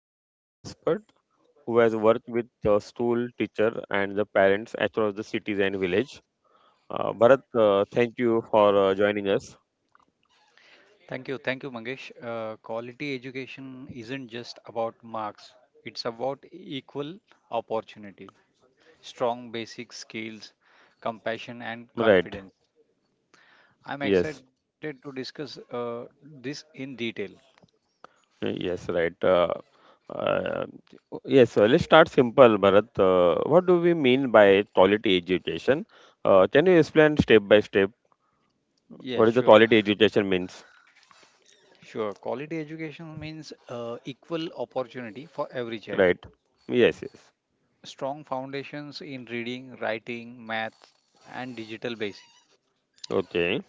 educational expert who has worked with the school teacher and the parents across the cities and village. Bharat, thank you for joining us. Thank you, Mangesh. Quality education isn't just about marks, it's about equal opportunity, strong basic skills, compassion, and Right. confidence. I'm Yes. excited to discuss this in detail. Yes. Right. Uh, yes. So let's start simple, Bharat. What do we mean by quality education? Can you explain step by step Yeah, what is sure, the quality education means? sure. Quality education means equal opportunity for every child, Right. Yes. Yes. strong foundations in reading, writing, math, and digital basics. Okay.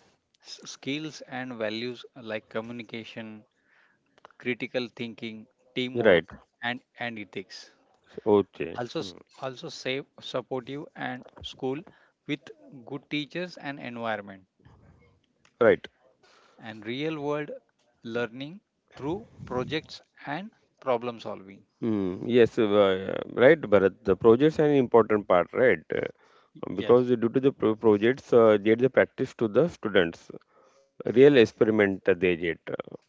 Skills and values like communication, critical thinking, Right. teamwork, and ethics. Okay. Also, Hmm. also safe, supportive, and school with good teachers and environment, Right. and real world learning through projects and problem solving. Mm. Yes, right, Bharat. The projects are an important part, right? Yes, because due to the projects, get the practice to the students. Real experiment they get,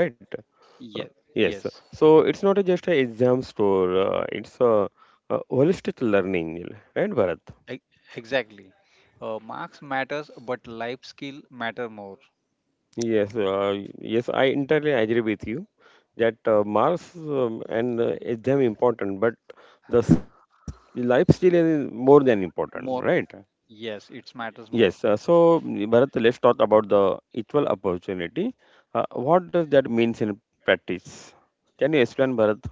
right? yes, Uh, yes. yes. So it's not a just a exam store. It's a holistic learning, right, Bharat? E- exactly. Marks matters, but life skill matter more. Yes, yes, I entirely agree with you that Mars and is damn important, but the life still is more than important, right? More, yes, it matters Yes, more. so Bharat, let's talk about the equal opportunity. What does that means in practice? Can you explain, Bharat?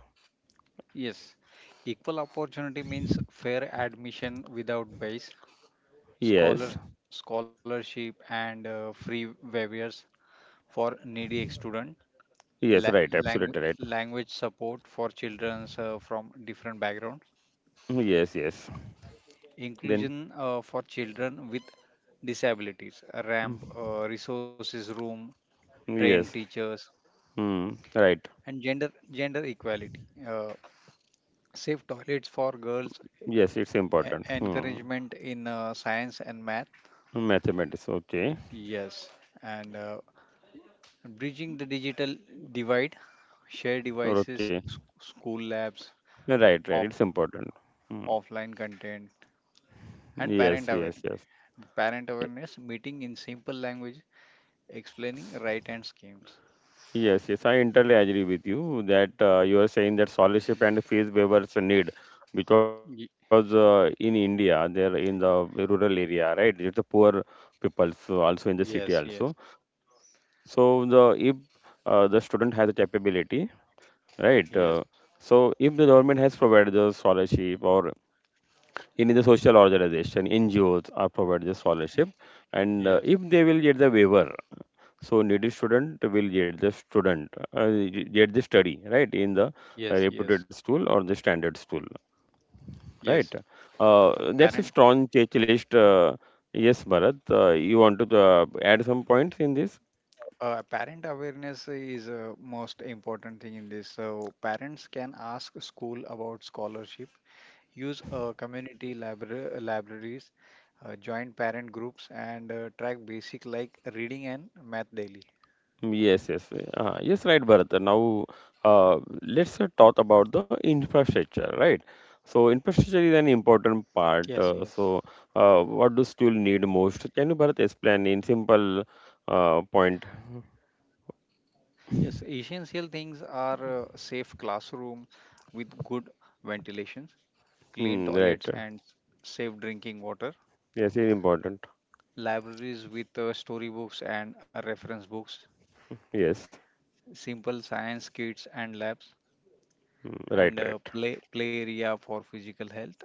Yes, equal opportunity means fair admission without bias, scholars Yes, scholarship and free waivers for needy student, yes, right, absolutely right. language support for children from different backgrounds, Mm, yes, yes. Then, inclusion for children with disabilities, a ramp, mm, resources room, trained yes, teachers, mm, right. and gender equality, safe toilets for girls, Yes, it's important. Hmm. encouragement in science and math. Mathematics, okay, Yes, and bridging the digital divide, share devices, okay. School labs, No, right, right. off, It's important. Mm. offline content, and Yes, parent yes, awareness. yes. Parent Ye- awareness meeting in simple language, explaining right hand schemes. yes, yes. I entirely agree with you that you are saying that scholarship and fees waivers are need because Y- in India, they're in the rural area, right? It's the poor people, so also in the city yes, also. yes, So the if the student has a capability, right? Yes, So if the government has provided the scholarship or in the social organization NGOs are provided the scholarship and yes, if they will get the waiver so needy student will get the student uh, get the study right in the yes, yes, reputed school or the standard school right yes. uh, And that's a parent strong checklist yes Bharat you want to add some points in this. uh, parent awareness is a most important thing in this. So parents can ask school about scholarship, use community libraries, join parent groups, and track basic like reading and math daily. Mm, yes, yes, yes, right, Bharat. Now, let's talk about the infrastructure, right? So, infrastructure is an Yes, yes. important part. So, what do still need most? Can you, Bharat, explain in simple point? Yes, essential things are safe classroom with good ventilation, clean Hmm, right. toilets and safe drinking water, Yes, it's important. libraries with storybooks and reference books, Yes. simple science kits and labs, Hmm, right, and right. play area for physical health,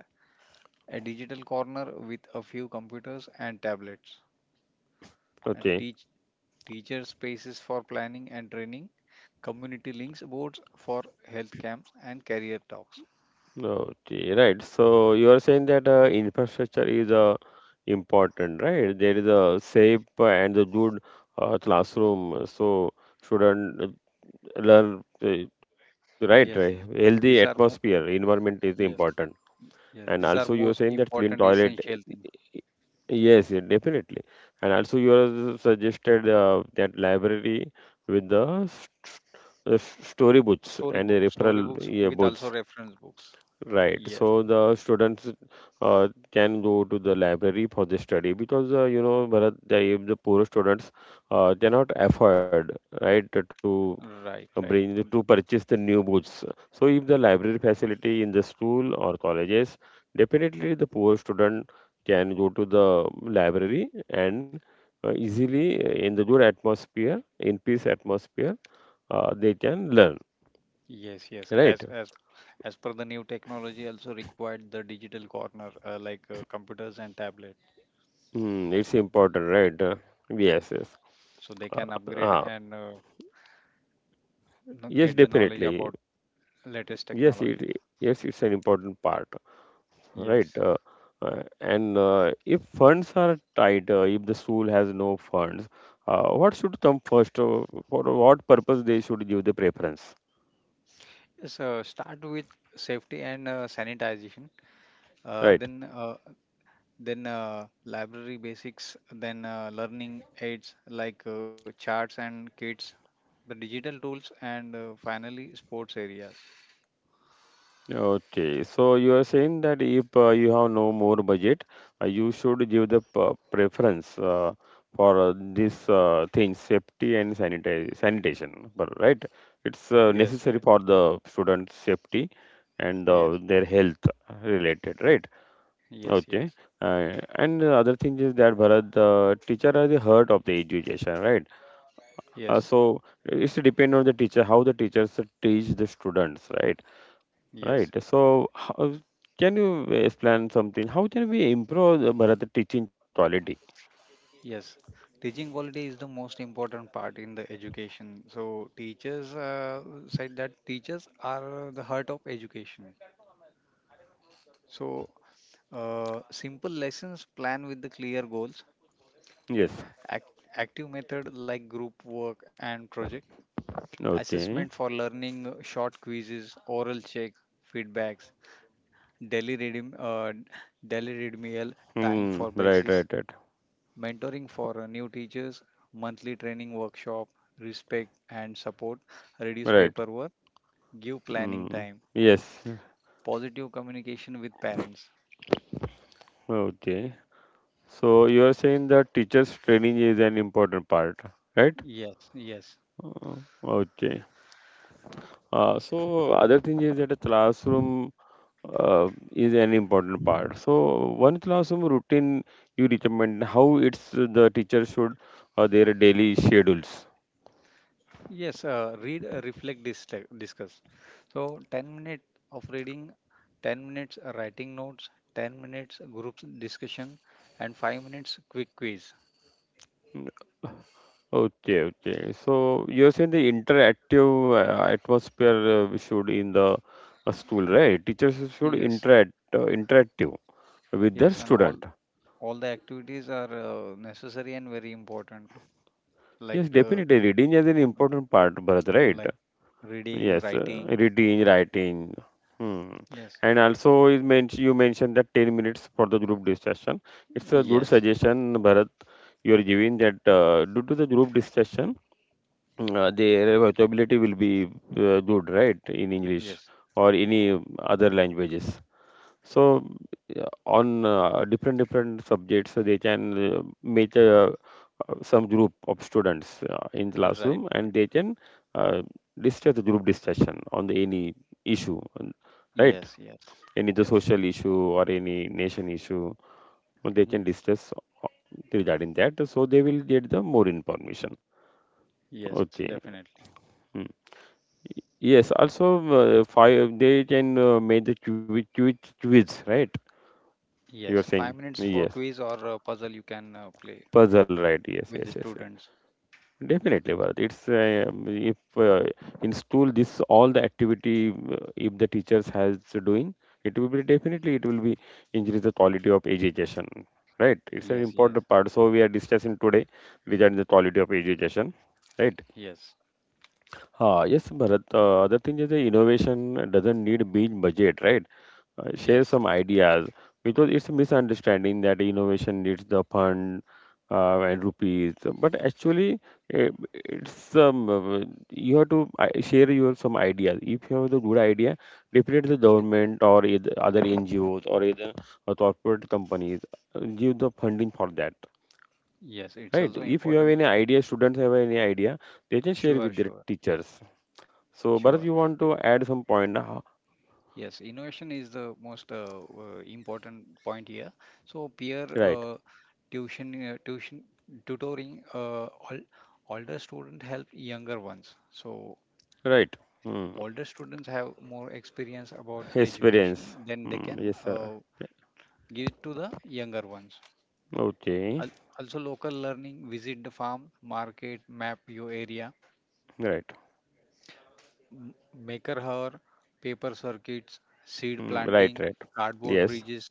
a digital corner with a few computers and tablets, and Okay. Teacher spaces for planning and training, community links boards for health camps and career talks. Okay, right. So you are saying that infrastructure is important, right? There is a safe and the good classroom, so student learn right, right. Yes, Healthy these atmosphere, are mo- environment is important, yes, and yes, also these you are are saying most that clean important toilet. essential thing. Yes, yeah, definitely. And also you are suggested that library with the story books and the Storybook, referral, storybooks yeah, with books. also reference books. Right. Yes, So the students can go to the library for the study because you know, Bharat, the, if the poor students they not afford right to right, right. To purchase the new books. So if the library facility in the school or colleges, definitely the poor student can go to the library and easily in the good atmosphere, in peace atmosphere, they can learn. Yes, yes. Right. As per the new technology, also required the digital corner like computers and tablet, Mm, it's important, right? Yes, yes. so they can Uh, upgrade uh, and yes, get the knowledge definitely. about latest Yes, technology. it yes, it's an important part, right? Yes. And if funds are tight, if the school has no funds, what should come first? For what purpose they should give the preference, So start with safety and sanitization. Uh, right? then uh, then library basics, then learning aids like charts and kits, the digital tools, and finally sports areas. Okay, so you are saying that if you have no more budget, you should give the preference for this thing, safety and sanitation, but right? It's Yes, necessary yes, for the student's safety and yes, their health related, right? yes, Okay, yes, and the other thing is that Bharat, the teacher are the heart of the education, right? Yes, So it's depend on the teacher, how the teachers teach the students, right? yes, Right. So, how, can you explain something? How can we improve the Bharat teaching quality? yes. Teaching quality is the most important part in the education. So teachers said that teachers are the heart of education. So simple lessons plan with the clear goals, Yes. act- active method like group work and projects, assessment Okay. for learning, short quizzes, oral check, feedbacks, daily reading, daily readmeal time Hmm. for Right. Right. basis, Right. mentoring for new teachers, monthly training workshop, respect and support, reduce Right. paperwork, give planning Hmm. time, Yes. positive communication with parents. Okay. So you are saying that teachers' training is an important part, right? Yes, yes. Uh, okay. So other thing is that a classroom is an important part. So one classroom routine you recommend how it's the teacher should or their daily schedules. Yes, read, reflect, discuss. So 10 minutes of reading, 10 minutes writing notes, 10 minutes group discussion, and 5 minutes quick quiz. Okay, okay. So you're saying the interactive atmosphere we should in the school, right? Teachers should Yes, interactive with their yes, and all student. all the activities are necessary and very important, like Yes, uh, definitely. Reading is an important part, Bharat, right? like reading, Yes, writing. reading, writing. Hmm. Yes, And also, is you mentioned that 10 minutes for the group discussion. It's a good yes, suggestion, Bharat, you're giving that due to the group discussion. Their vocabulary will be good, right, in English yes, or any other languages. So yeah, on different different subjects, they can make a, some group of students in right. classroom, and Right. they can uh, discuss the group discussion on the any issue, right? Yes, yes, Any the yes, social issue or any nation issue, they can yes, discuss uh, regarding that. So they will get the more information. yes, Okay. definitely. Hmm. Yes, also five they can make the quiz, right? Yes, You are five saying minutes for quiz yes, or puzzle you can play puzzle, right? Yes, with the yes, yes, students. yes. Definitely, Bharat. It's if in school this all the activity if the teachers has doing it will be definitely it will be increase the quality of education, right? It's an Yes, yes, important part. So we are discussing today regarding the quality of education, right? yes, Yes, Bharat. Other thing is the innovation doesn't need big budget, right? Share yes, some ideas because it's a misunderstanding that innovation needs the fund and rupees. But actually, eh, it's you have to share your some ideas. If you have the good idea, definitely the Su- government or either other NGOs or either corporate companies give the funding for that, yes. It's right? also If you have important. any idea, students have any idea, they can share Sure, with their sure, teachers. So, Bharat, sure. you want Y- to add some point now? Yes, innovation is the most important point here. So peer Right, tuition, tuition tutoring. All older students help younger ones. So right. Hmm. older students have more experience about the education, Experience. then they Hmm. can Yes, sir. Give it to the younger ones. Okay. Al- Also, local learning, visit the farm, market, map your area, Right. m- maker hour, paper circuits, seed Hmm. Right, planting, right. cardboard Yes. bridges,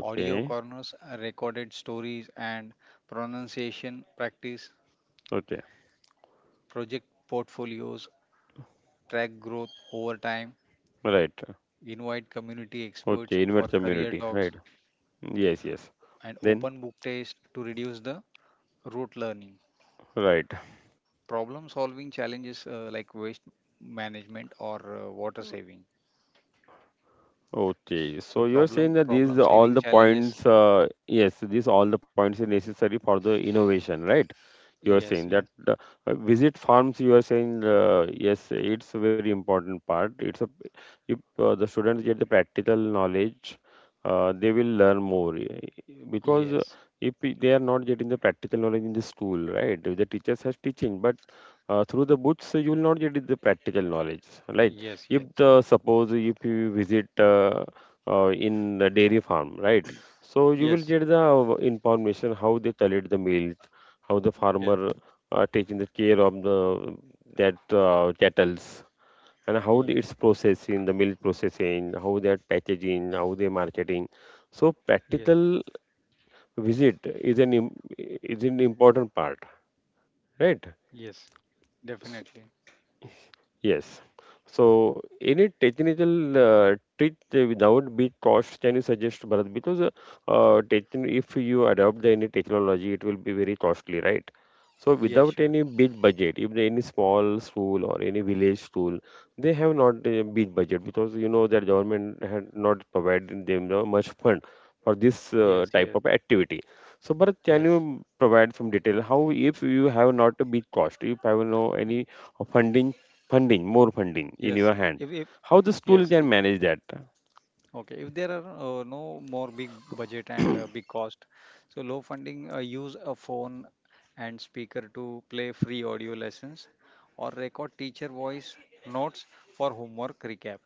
audio corners, recorded stories, and pronunciation practice, Okay. project portfolios, track growth over time, Right. invite community experts Okay. for Invert career community. Right. talks, Yes, yes. and Then, open book test to reduce the rote learning. right. Problem solving challenges like waste management or water saving. So Okay, so you're problem saying that problem these are saving all the challenges. points, yes, these all the points are necessary for the innovation, right? You are Yes, saying that yes, the, visit farms you are saying yes it's a very important part it's a if the students get the practical knowledge they will learn more because yes, if they are not getting the practical knowledge in the school right the teachers has teaching but through the books you will not get the practical knowledge like yes, if yes, the suppose if you visit in the dairy farm right so you will yes, get the information how they collect the milk how the yes, farmer taking the care of the that cattles and how it's yes, processing the milk processing how they are packaging how they marketing so yes, practical visit is an im- is an important part, right. yes, definitely. Yes. So, any technical trick without big cost can you suggest, Bharat? Because if you adopt the any technology, it will be very costly, right? So, Yes, without sure. any big budget, if any small school or any village school, they have not a big budget because you know that government had not provided them the much fund for this Yes, type yes, of activity. So, Bharat, can yes, you provide some detail? How if you have not a big cost, if I have no y- any funding funding, more funding in yes. your hand. If How the school yes, can manage that? okay. If there are no more big budget and big cost, so low funding, use a phone and speaker to play free audio lessons or record teacher voice notes for homework recap.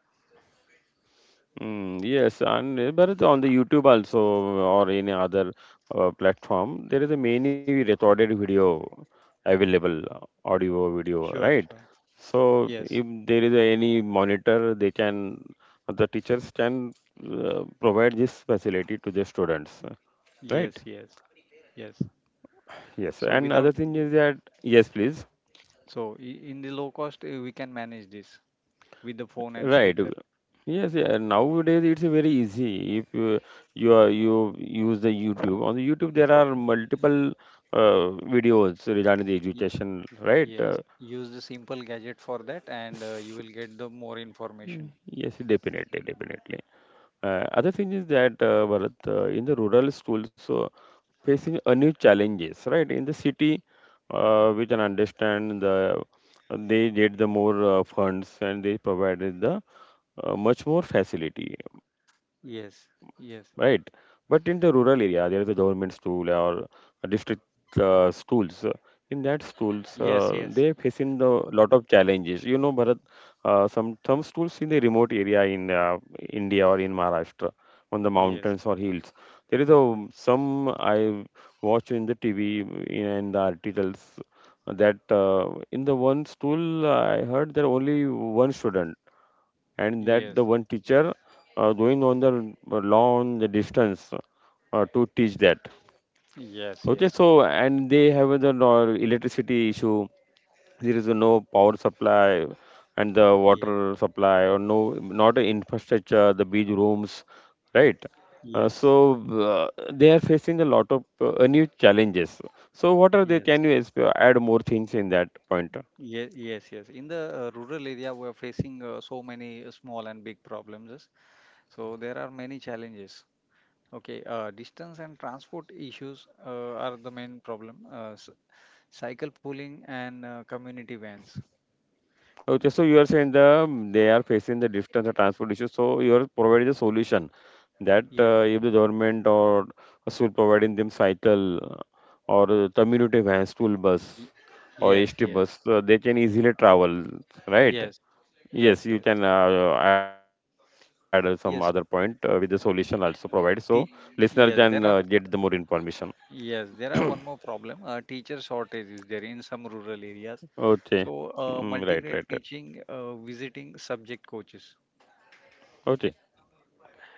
Mm, yes, and but it's on the YouTube also or any other platform, there is a many recorded video available, audio, Sure, video, sure. right? So Yes, if there is any monitor, the teachers can provide this facility to the students, right? yes, yes, yes. Yes, So and without other thing is that yes, please. so I- in the low cost we can manage this with the phone and Right. Speaker. Yes, yeah. Nowadays it's very easy. If you you use the YouTube, on the YouTube there are multiple videos regarding the Y- education, right? Yes, use the simple gadget for that, and you will get the more Mm, information. yes, definitely, definitely. Other thing is that Bharat, in the rural schools, so facing a new challenges, right? In the city, we can understand they get the more funds and they provided the much more facility. Right. Yes, But yes, in the rural area, there is a government school or a district schools. In that schools, yes, yes, they facing the lot of challenges. You know, Bharat, some schools in the remote area in India or in Maharashtra, on the yes, mountains or hills, there is a mm, some I watch in the TV and the articles that in the one school I heard there only one student and yes, that the one teacher going on the long distance to teach that. yes, Okay, yes, so and they have the electricity issue. There is no power supply and the yeah, water supply or no, not a infrastructure, the beach rooms, right. Uh, yes, so uh, they are facing a lot of new challenges. So what are they, yes. can you add more things in that point? Yes, yes, yes. In the rural area, we are facing so many small and big problems. So there are many challenges. Okay, distance and transport issues are the main problem. Cycle pooling and community vans. Okay, so you are saying the they are facing the distance and transport issue. So you are providing the solution that Yes. If the government or should providing them cycle or community van, school y- bus or Yes, HT yes. bus, they can easily travel, right? Yes. Yes, Yes, you yes. can add some other point with the Yes. solution also provide. So listener can Te- get the yes, more there are information. yes, there are one more problem. Teacher shortage is there in some rural areas. Okay, So, mm, right, right, right. multi-grade teaching, visiting subject coaches, Okay.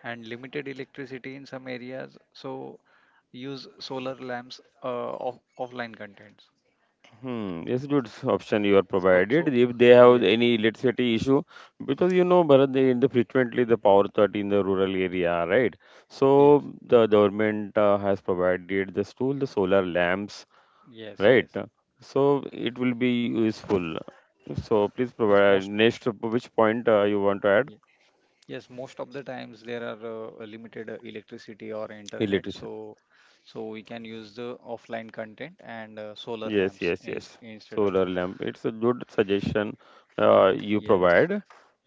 and limited electricity in some areas. So, use solar lamps, offline contents. Hmm, it's good option you are So, provided so if they have yes, any electricity issue, because you know Bharat, they, in the frequently the power cut in the rural area, right? yes, So the government has provided the tool, the solar lamps, yes, right, yes, so it will be useful. So please yes. Most. provide next which point you want to add. Yes, most of the times there are limited electricity or internet, Electricity, so we can use the offline content and solar yes, lamps yes, yes, instead of. solar lamp, it's a good suggestion y- you yes, provide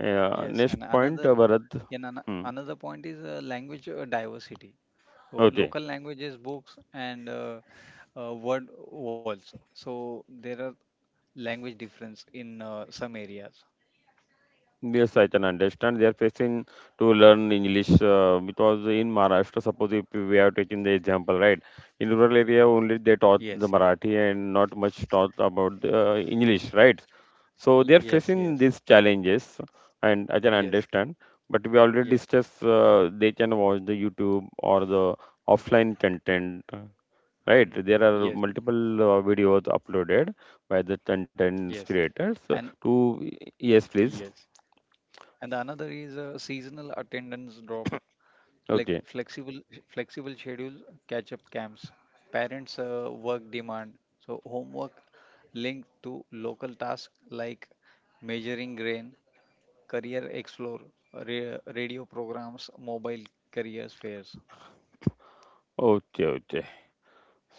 yes. next And point, another Bharat. and ano- Hmm. another point is language diversity. So Okay. local languages, books, and word walls. So there are language difference in some areas. Yes, I can understand. They are facing to learn English because in Maharashtra, suppose if we are taking the example, right? In rural area only they Yes, taught yes, the Marathi and not much taught about the English, right? So they are yes, yes, facing these challenges, and I can yes, understand. But we yes, already yes, discussed they can watch the YouTube or the offline content, right? mm, There are yes, multiple videos uploaded by the yes, content and creators. To yes, yes. please. And the another is seasonal attendance drop, like Okay. Flexible schedules, catch-up camps, parents' work demand. So homework linked to local tasks like measuring grain, career explore, radio programs, mobile careers fairs Okay, okay.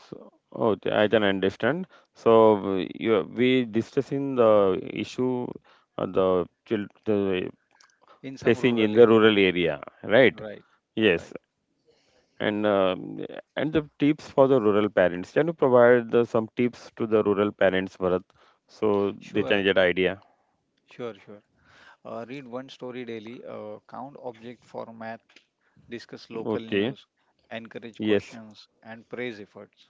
So, okay, I can understand. So, you, we discussing the issue the, the in some facing in rural the area. rural area, right? Right, right. Yes, and um, and the tips for the rural parents. Can you provide the, some tips to the rural parents, Bharat, so they Sure, can get idea? sure, sure. Read one story daily. Count object for math, discuss local Okay. news, encourage Yes. questions, and praise efforts.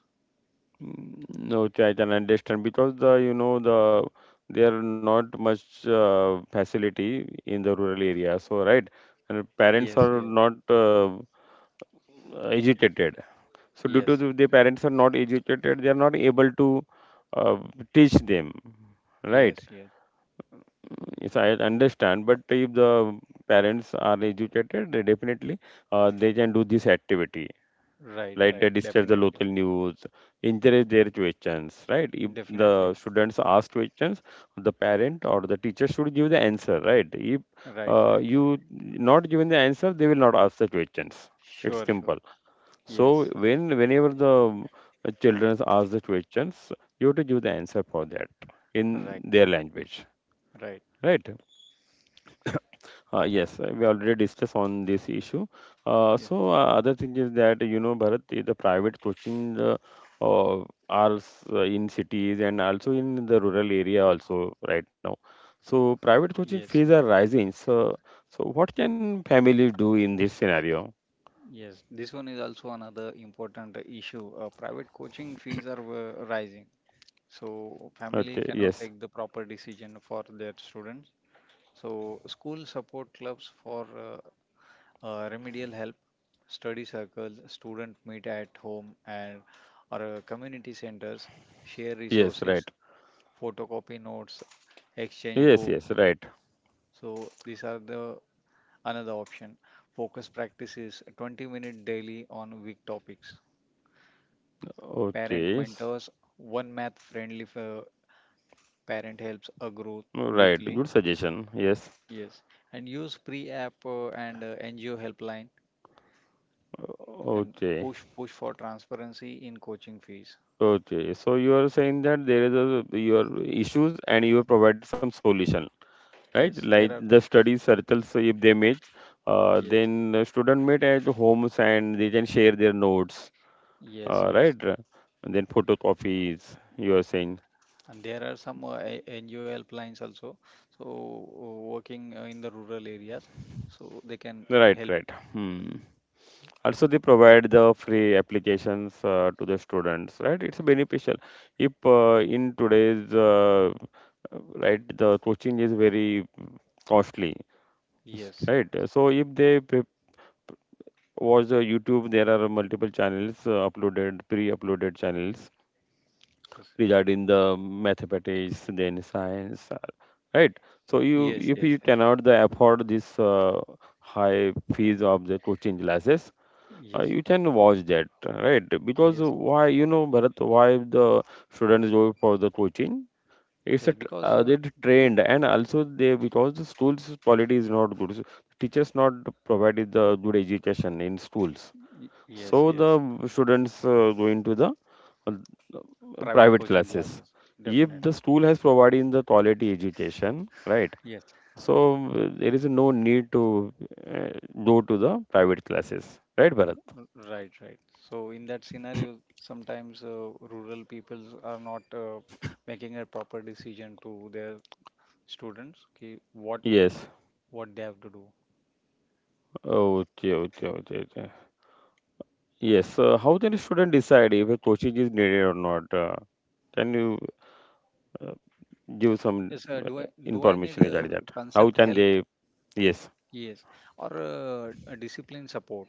Mm, no, I can understand because the you know the there are not much facility in the rural area, so right, and Yes, parents are yes, not educated. So due to yes, the parents are not educated, they are not able to uh, teach them, right? yes, yes. Yes, I understand, but if the parents are educated, they definitely they can do this activity Right, like they right. discuss the Definitely, local news, encourage their questions, right? If the definitely. students ask questions, the parent or the teacher should give the answer, right? If Right, right, right. you not given the answer, they will not ask the questions. It's Sure, simple. sure. So Yes, when whenever the children ask the questions, you have to give the answer for that in right, their language, right. right? Yes, we already discussed on this issue. Yes, Other thing is that you know Bharat, the private coaching uh, are in cities and also in the rural area also right now. So private coaching yes, yes. fees are rising. So so what can families do in this scenario? Yes. This one is also another important issue. Private coaching fees are rising. So family Okay. cannot Yes. take the proper decision for their students. So school support clubs for remedial help, study circles, student meet at home and or community centers, share Yes. resources, Right. photocopy notes, exchange Yes. books. Yes. Right. So these are the another option. Focus practices 20-minute daily on weak topics. Parent Okay. Mentors, one math friendly parent helps a group Right. weekly. Good suggestion. Yes. Yes, and use pre-app and NGO helpline and Okay. push for transparency in coaching fees. Okay, so you are saying that there is a your issues and you have provided some solution, right? Yes, Like there are the study circles, so if they meet, yes. then the student meet at homes and they can share their notes, Yes, right? yes. And then photocopies, you are saying, And there are some A- NUL also. So working in the rural areas, so they can right, help. right. Hmm. Also, they provide the free applications to the students, right? It's beneficial. If in today's right, the coaching is very costly. Yes, Yes, right. yes, So if they watch the YouTube, there are multiple channels uploaded, pre-uploaded channels yes, regarding the mathematics, then science, right? So you yes, if yes, you yeah, cannot the afford this high fees of the coaching classes, yes, you can watch that, right? Because yes, why you know Bharat, why the students go for the coaching? yes. It's a Because they're y- trained and also they because the schools quality is not good, so teachers not provided the good education in schools, yes, so the yes. students go into the uh, Private private coaching classes, classes, if the definitely. school has provided the quality education, right? Yes, So there is no need to uh, go to the private classes, right Bharat? R- Right, right. So in that scenario, sometimes rural peoples are not making a proper decision to their students. Okay, what Yes, what they have to do. okay, okay, okay, okay. Yes, how can a student decide if a coaching is needed or not? Can you uh, give some Yes, do I need information regarding that. How concept can help? they? Yes. Yes, or a discipline support.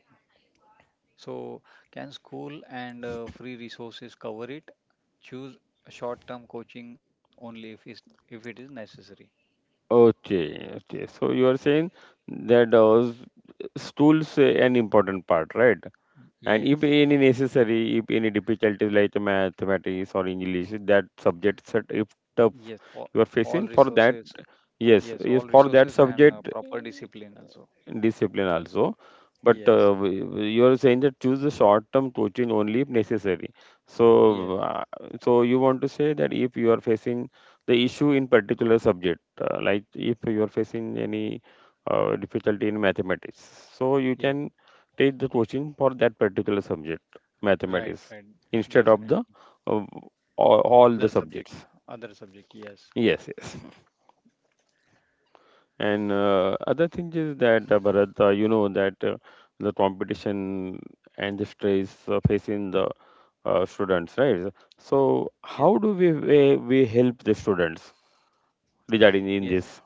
So can school and free resources cover it? Choose short-term coaching only if it is necessary. Okay. Okay. So you are saying that stools an important part, right? And if Yes, any necessary, if any difficulties like mathematics or English, that subject set if tough yes, you are all facing for that, resources. yes, Yes, all yes for that resources and subject. proper discipline also. Discipline also. But Yes, you are saying that choose the short-term coaching only if necessary. yes, So, so you want to say that if you are facing the issue in particular subject, like if you are facing any difficulty in mathematics, so you yes. can take the coaching for that particular subject, Right, mathematics, right. instead of the Definitely. uh, all the Other subject. subjects. Other subject. Yes, Yes, yes. And other thing is that Bharat, you know that the competition and the stress facing the students, right? So how yes, do we help the students regarding in yes. this,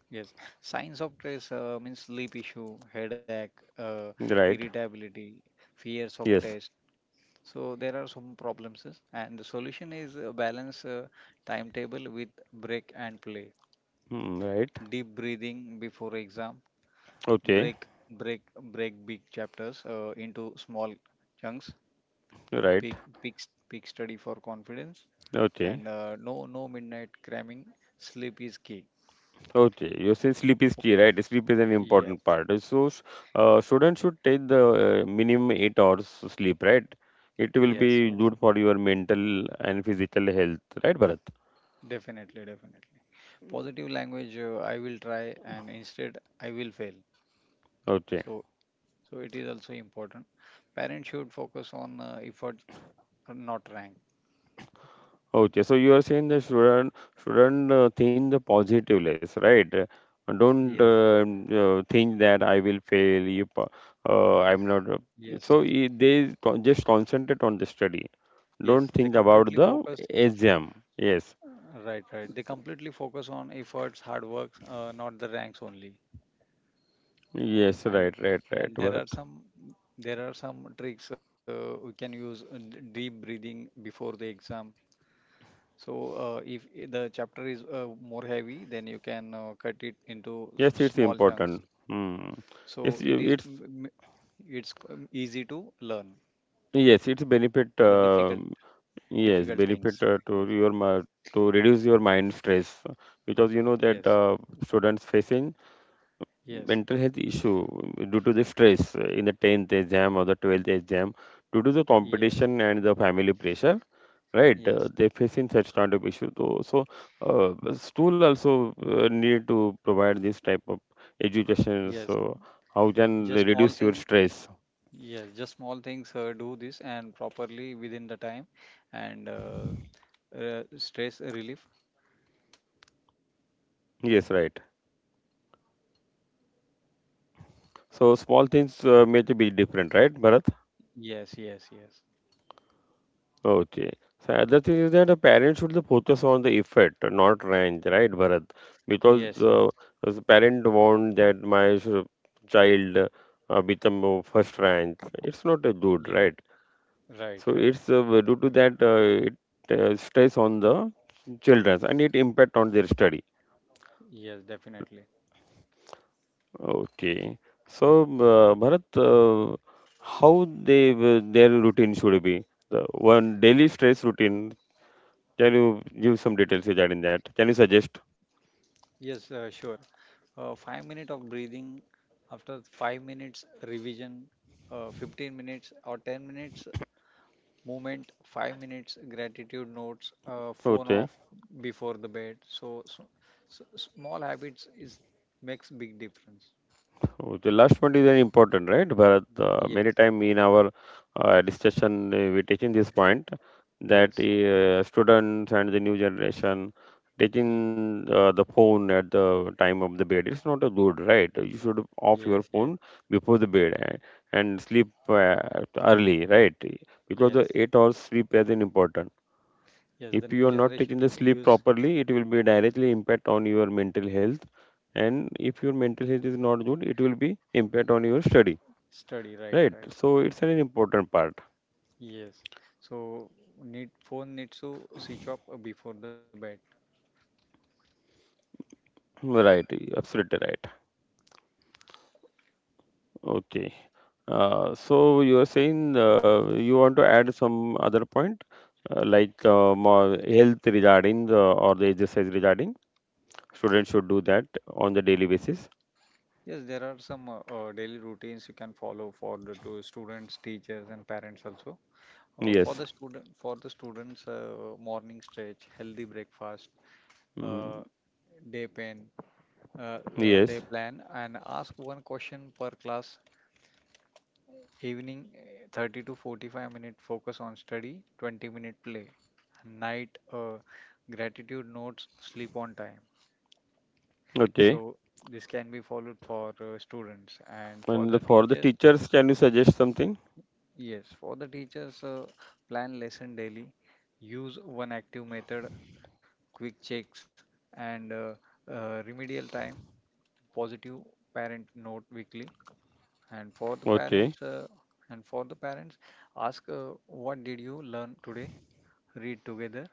Yes, signs of stress means sleep issue, headache, uh, right? irritability, fears of Yes, test. So there are some problems, and the solution is balance timetable with break and play. hmm, right. Deep breathing before exam. Okay, Break big chapters into small chunks. right. Peak, peak, peak study for confidence, Okay. and no, no midnight cramming. Sleep is key. Okay, you say sleep is key, right? Sleep is an Yes, important part. Students should take the minimum 8 hours sleep, right? It will yes, be yes. good for your mental and physical health, right, Bharat? Definitely, definitely. Positive language, I will try, and instead, I will fail. Okay. So, it is also important. Parents should focus on effort, not rank. Okay. So you are saying that shouldn't think the positive less, right? Don't Yes, think that I will fail. You, I'm not. Yes, So they just concentrate on the study. yes. Don't They think about completely the focus. exam. Yes. Right, right. They completely focus on efforts, hard work, not the ranks only. Yes. Right. And Right. yeah, Right. and Bharat. There are some tricks we can use, deep breathing before the exam. So, if I- the chapter is more heavy, then you can cut it into Yes, it's small chunks. important. Hmm. Yes, So you- it is it's m- m- it's c- easy to learn yes, it's benefit. the difficult Yes, difficult benefit things. To Yes, your to reduce your mind stress because you know that yes, students facing yes, mental health issue due to the stress in the 10th exam or the 12th exam due to the yes, competition and the family pressure, right? Yes, They facing such kind of issue. So, so school also need to provide this type of y- education. yes. So, how can they Just small reduce your thing. stress? Yes, just small things. Do this and properly within the time, and stress relief. Yes, right. So, small things make a big difference, right, Bharat? Yes, yes, yes, Okay. So other thing is that the parents should the focus on the effect, not range, right, Bharat? Because yes, yes. As a parent want that my child become a first rank, it's not a good, Yeah, right? So right, it's right. Due to that it stress on the children and it impact on their study. Yes, definitely. Okay. So Bharat, how they will- their routine should be? The one daily stress routine. Can you give some details regarding that? Can you suggest? Yes, sure. 5 minutes of breathing, after 5 minutes revision, 15 minutes or 10 minutes movement, 5 minutes gratitude notes, phone Okay. off before the bed. So small habits is makes big difference. Okay. Last point is very important, right? Bharat, Yes, many time in our discussion, we taking this point that yes, students and the new generation y- taking the phone at the time of the bed. It's not a good, right? You should off your yes, yes, phone before the bed and sleep early, right? Because yes, the 8 hours sleep is an important. yes. The If new you are not generation taking the sleep use properly, it will be directly impact on your mental health, and if your mental health is not good, it will be impact on your study, study, right, right? right. So it's an important part, Yes. So need phone needs to switch off before the bed. right, absolutely right, okay. So you are saying you want to add some other point like more health regarding the, or the exercise regarding students should do that on the daily basis. Yes, there are some daily routines you can follow for the to students, teachers, and parents also. Yes, For the students, morning stretch, healthy breakfast, mm, uh, day plan, day yes, plan, and ask one question per class. Evening, 30 to 45 minute focus on study, 20-minute play. Night, gratitude notes, sleep on time. okay. So this can be followed for students and for And the- the for the teachers. teachers, can you suggest something? Yes, for the teachers, plan lesson daily, use one active method, quick checks, and remedial time, positive parent note weekly. And for the Okay. parents, uh, and for the parents, ask what did you learn today? Read together,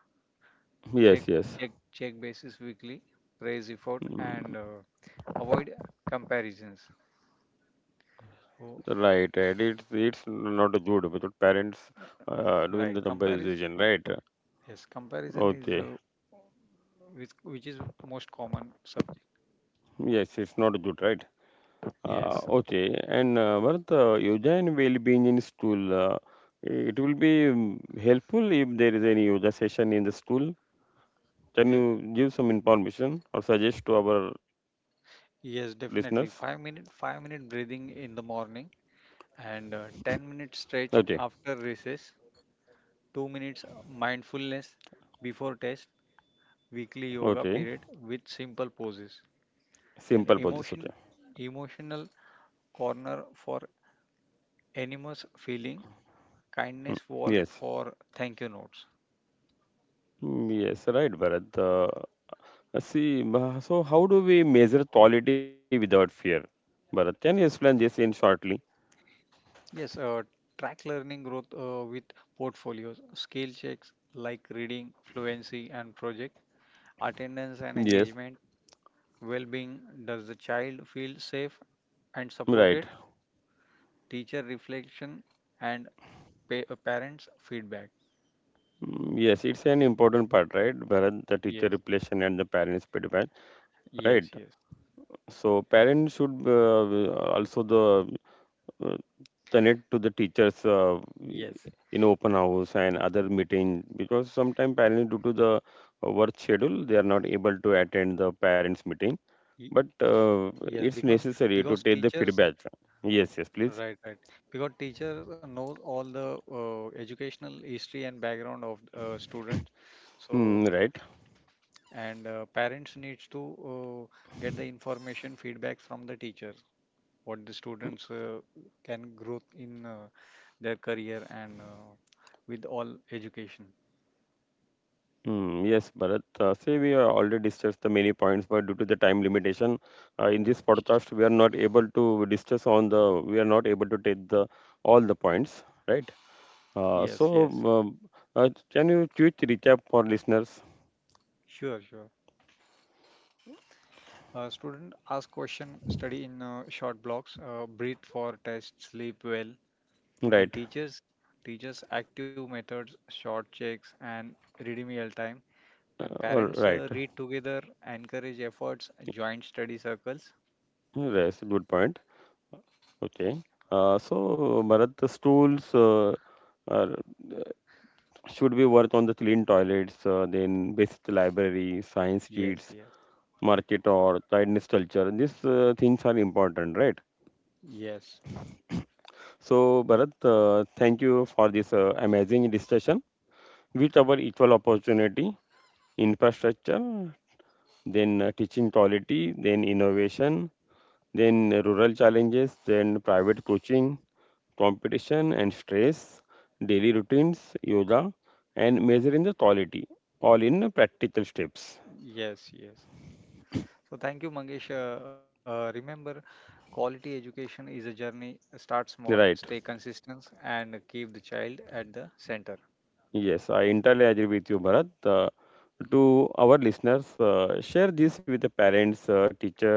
check, Yes, yes. Check basis weekly, praise effort, Mm, and avoid comparisons. right, Oh, right. It's not a good because parents doing the right, comparison. comparison, right? Yes, comparison is Okay. the which is most common sub. Yes, it's not good, right? Yes, Okay. And Bharat, yoga and well-being in school, it will be helpful if there is any yoga session in the school. Can ye- you give some information or suggest to our listeners? yes, definitely. 5 minute, 5 minute breathing in the morning, and ten Okay. minute stretch after recess. 2 minutes mindfulness before test. Weekly yoga Okay. period with simple poses. Simple An poses. Okay. emotion, emotional corner for anonymous feeling. Hmm. Kindness wall Yes. for thank you notes. Mm, yes, right, Bharat. See, so how do we measure quality without fear? Bharat, can you explain this in shortly? Yes, track learning growth with portfolios, skill checks like reading, fluency, and project attendance and Yes, engagement, well being, does the child feel safe and right. supported, teacher reflection, and parents' feedback. Mm, yes, it's an important part, right? Bharat, the teacher Yes, relation and the parents feedback, right? yes, yes, So parents should also the uh, connect to the teachers yes. in open house and other meeting, because sometimes parents due to the work schedule they are not able to attend the parents meeting. y- But Yes, it's necessary because to take the teachers feedback. Yes, yes, please. right, right, because teachers knows all the educational history and background of students, so, Hmm, right. and parents needs to uh, get the information feedback from the teacher, what the students can grow in their career and with all education. Hmm, yes, Bharat. Say we have already discussed the many points, but due to the time limitation, in this podcast we are not able to discuss on the. We are not able to take the all the points, right? Uh, Yes, so, yes, um, can you quick recap for listeners? sure, sure. Student ask question, study in short blocks, breathe for test, sleep well, and Right. teachers, active methods, short checks and ready meal time, and All parents, right. read together, encourage efforts, joint study circles, That's a good point. Okay. So, Bharat, the stools. Are should be worth on the clean toilets, then basic library, science yes, sheets, yes, market or tiredness culture. These things are important, right? yes, So, Bharat, thank you for this amazing discussion with our equal opportunity, infrastructure, then teaching quality, then innovation, then rural challenges, then private coaching, competition and stress, daily routines, yoga, and measuring the quality, all in practical steps. yes, yes. So thank you, Mangesh. Remember, quality education is a journey. Start small, stay Right. consistent, and keep the child at the center. Yes, I entirely agree with you, Bharat. To our listeners, share this with the parents, teacher,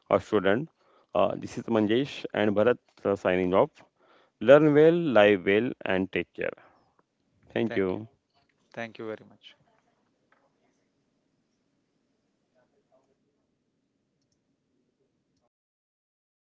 or student. This is Manjesh and Bharat signing off. Learn well, live well, and take care. Thank Thank you. you. Thank you very much.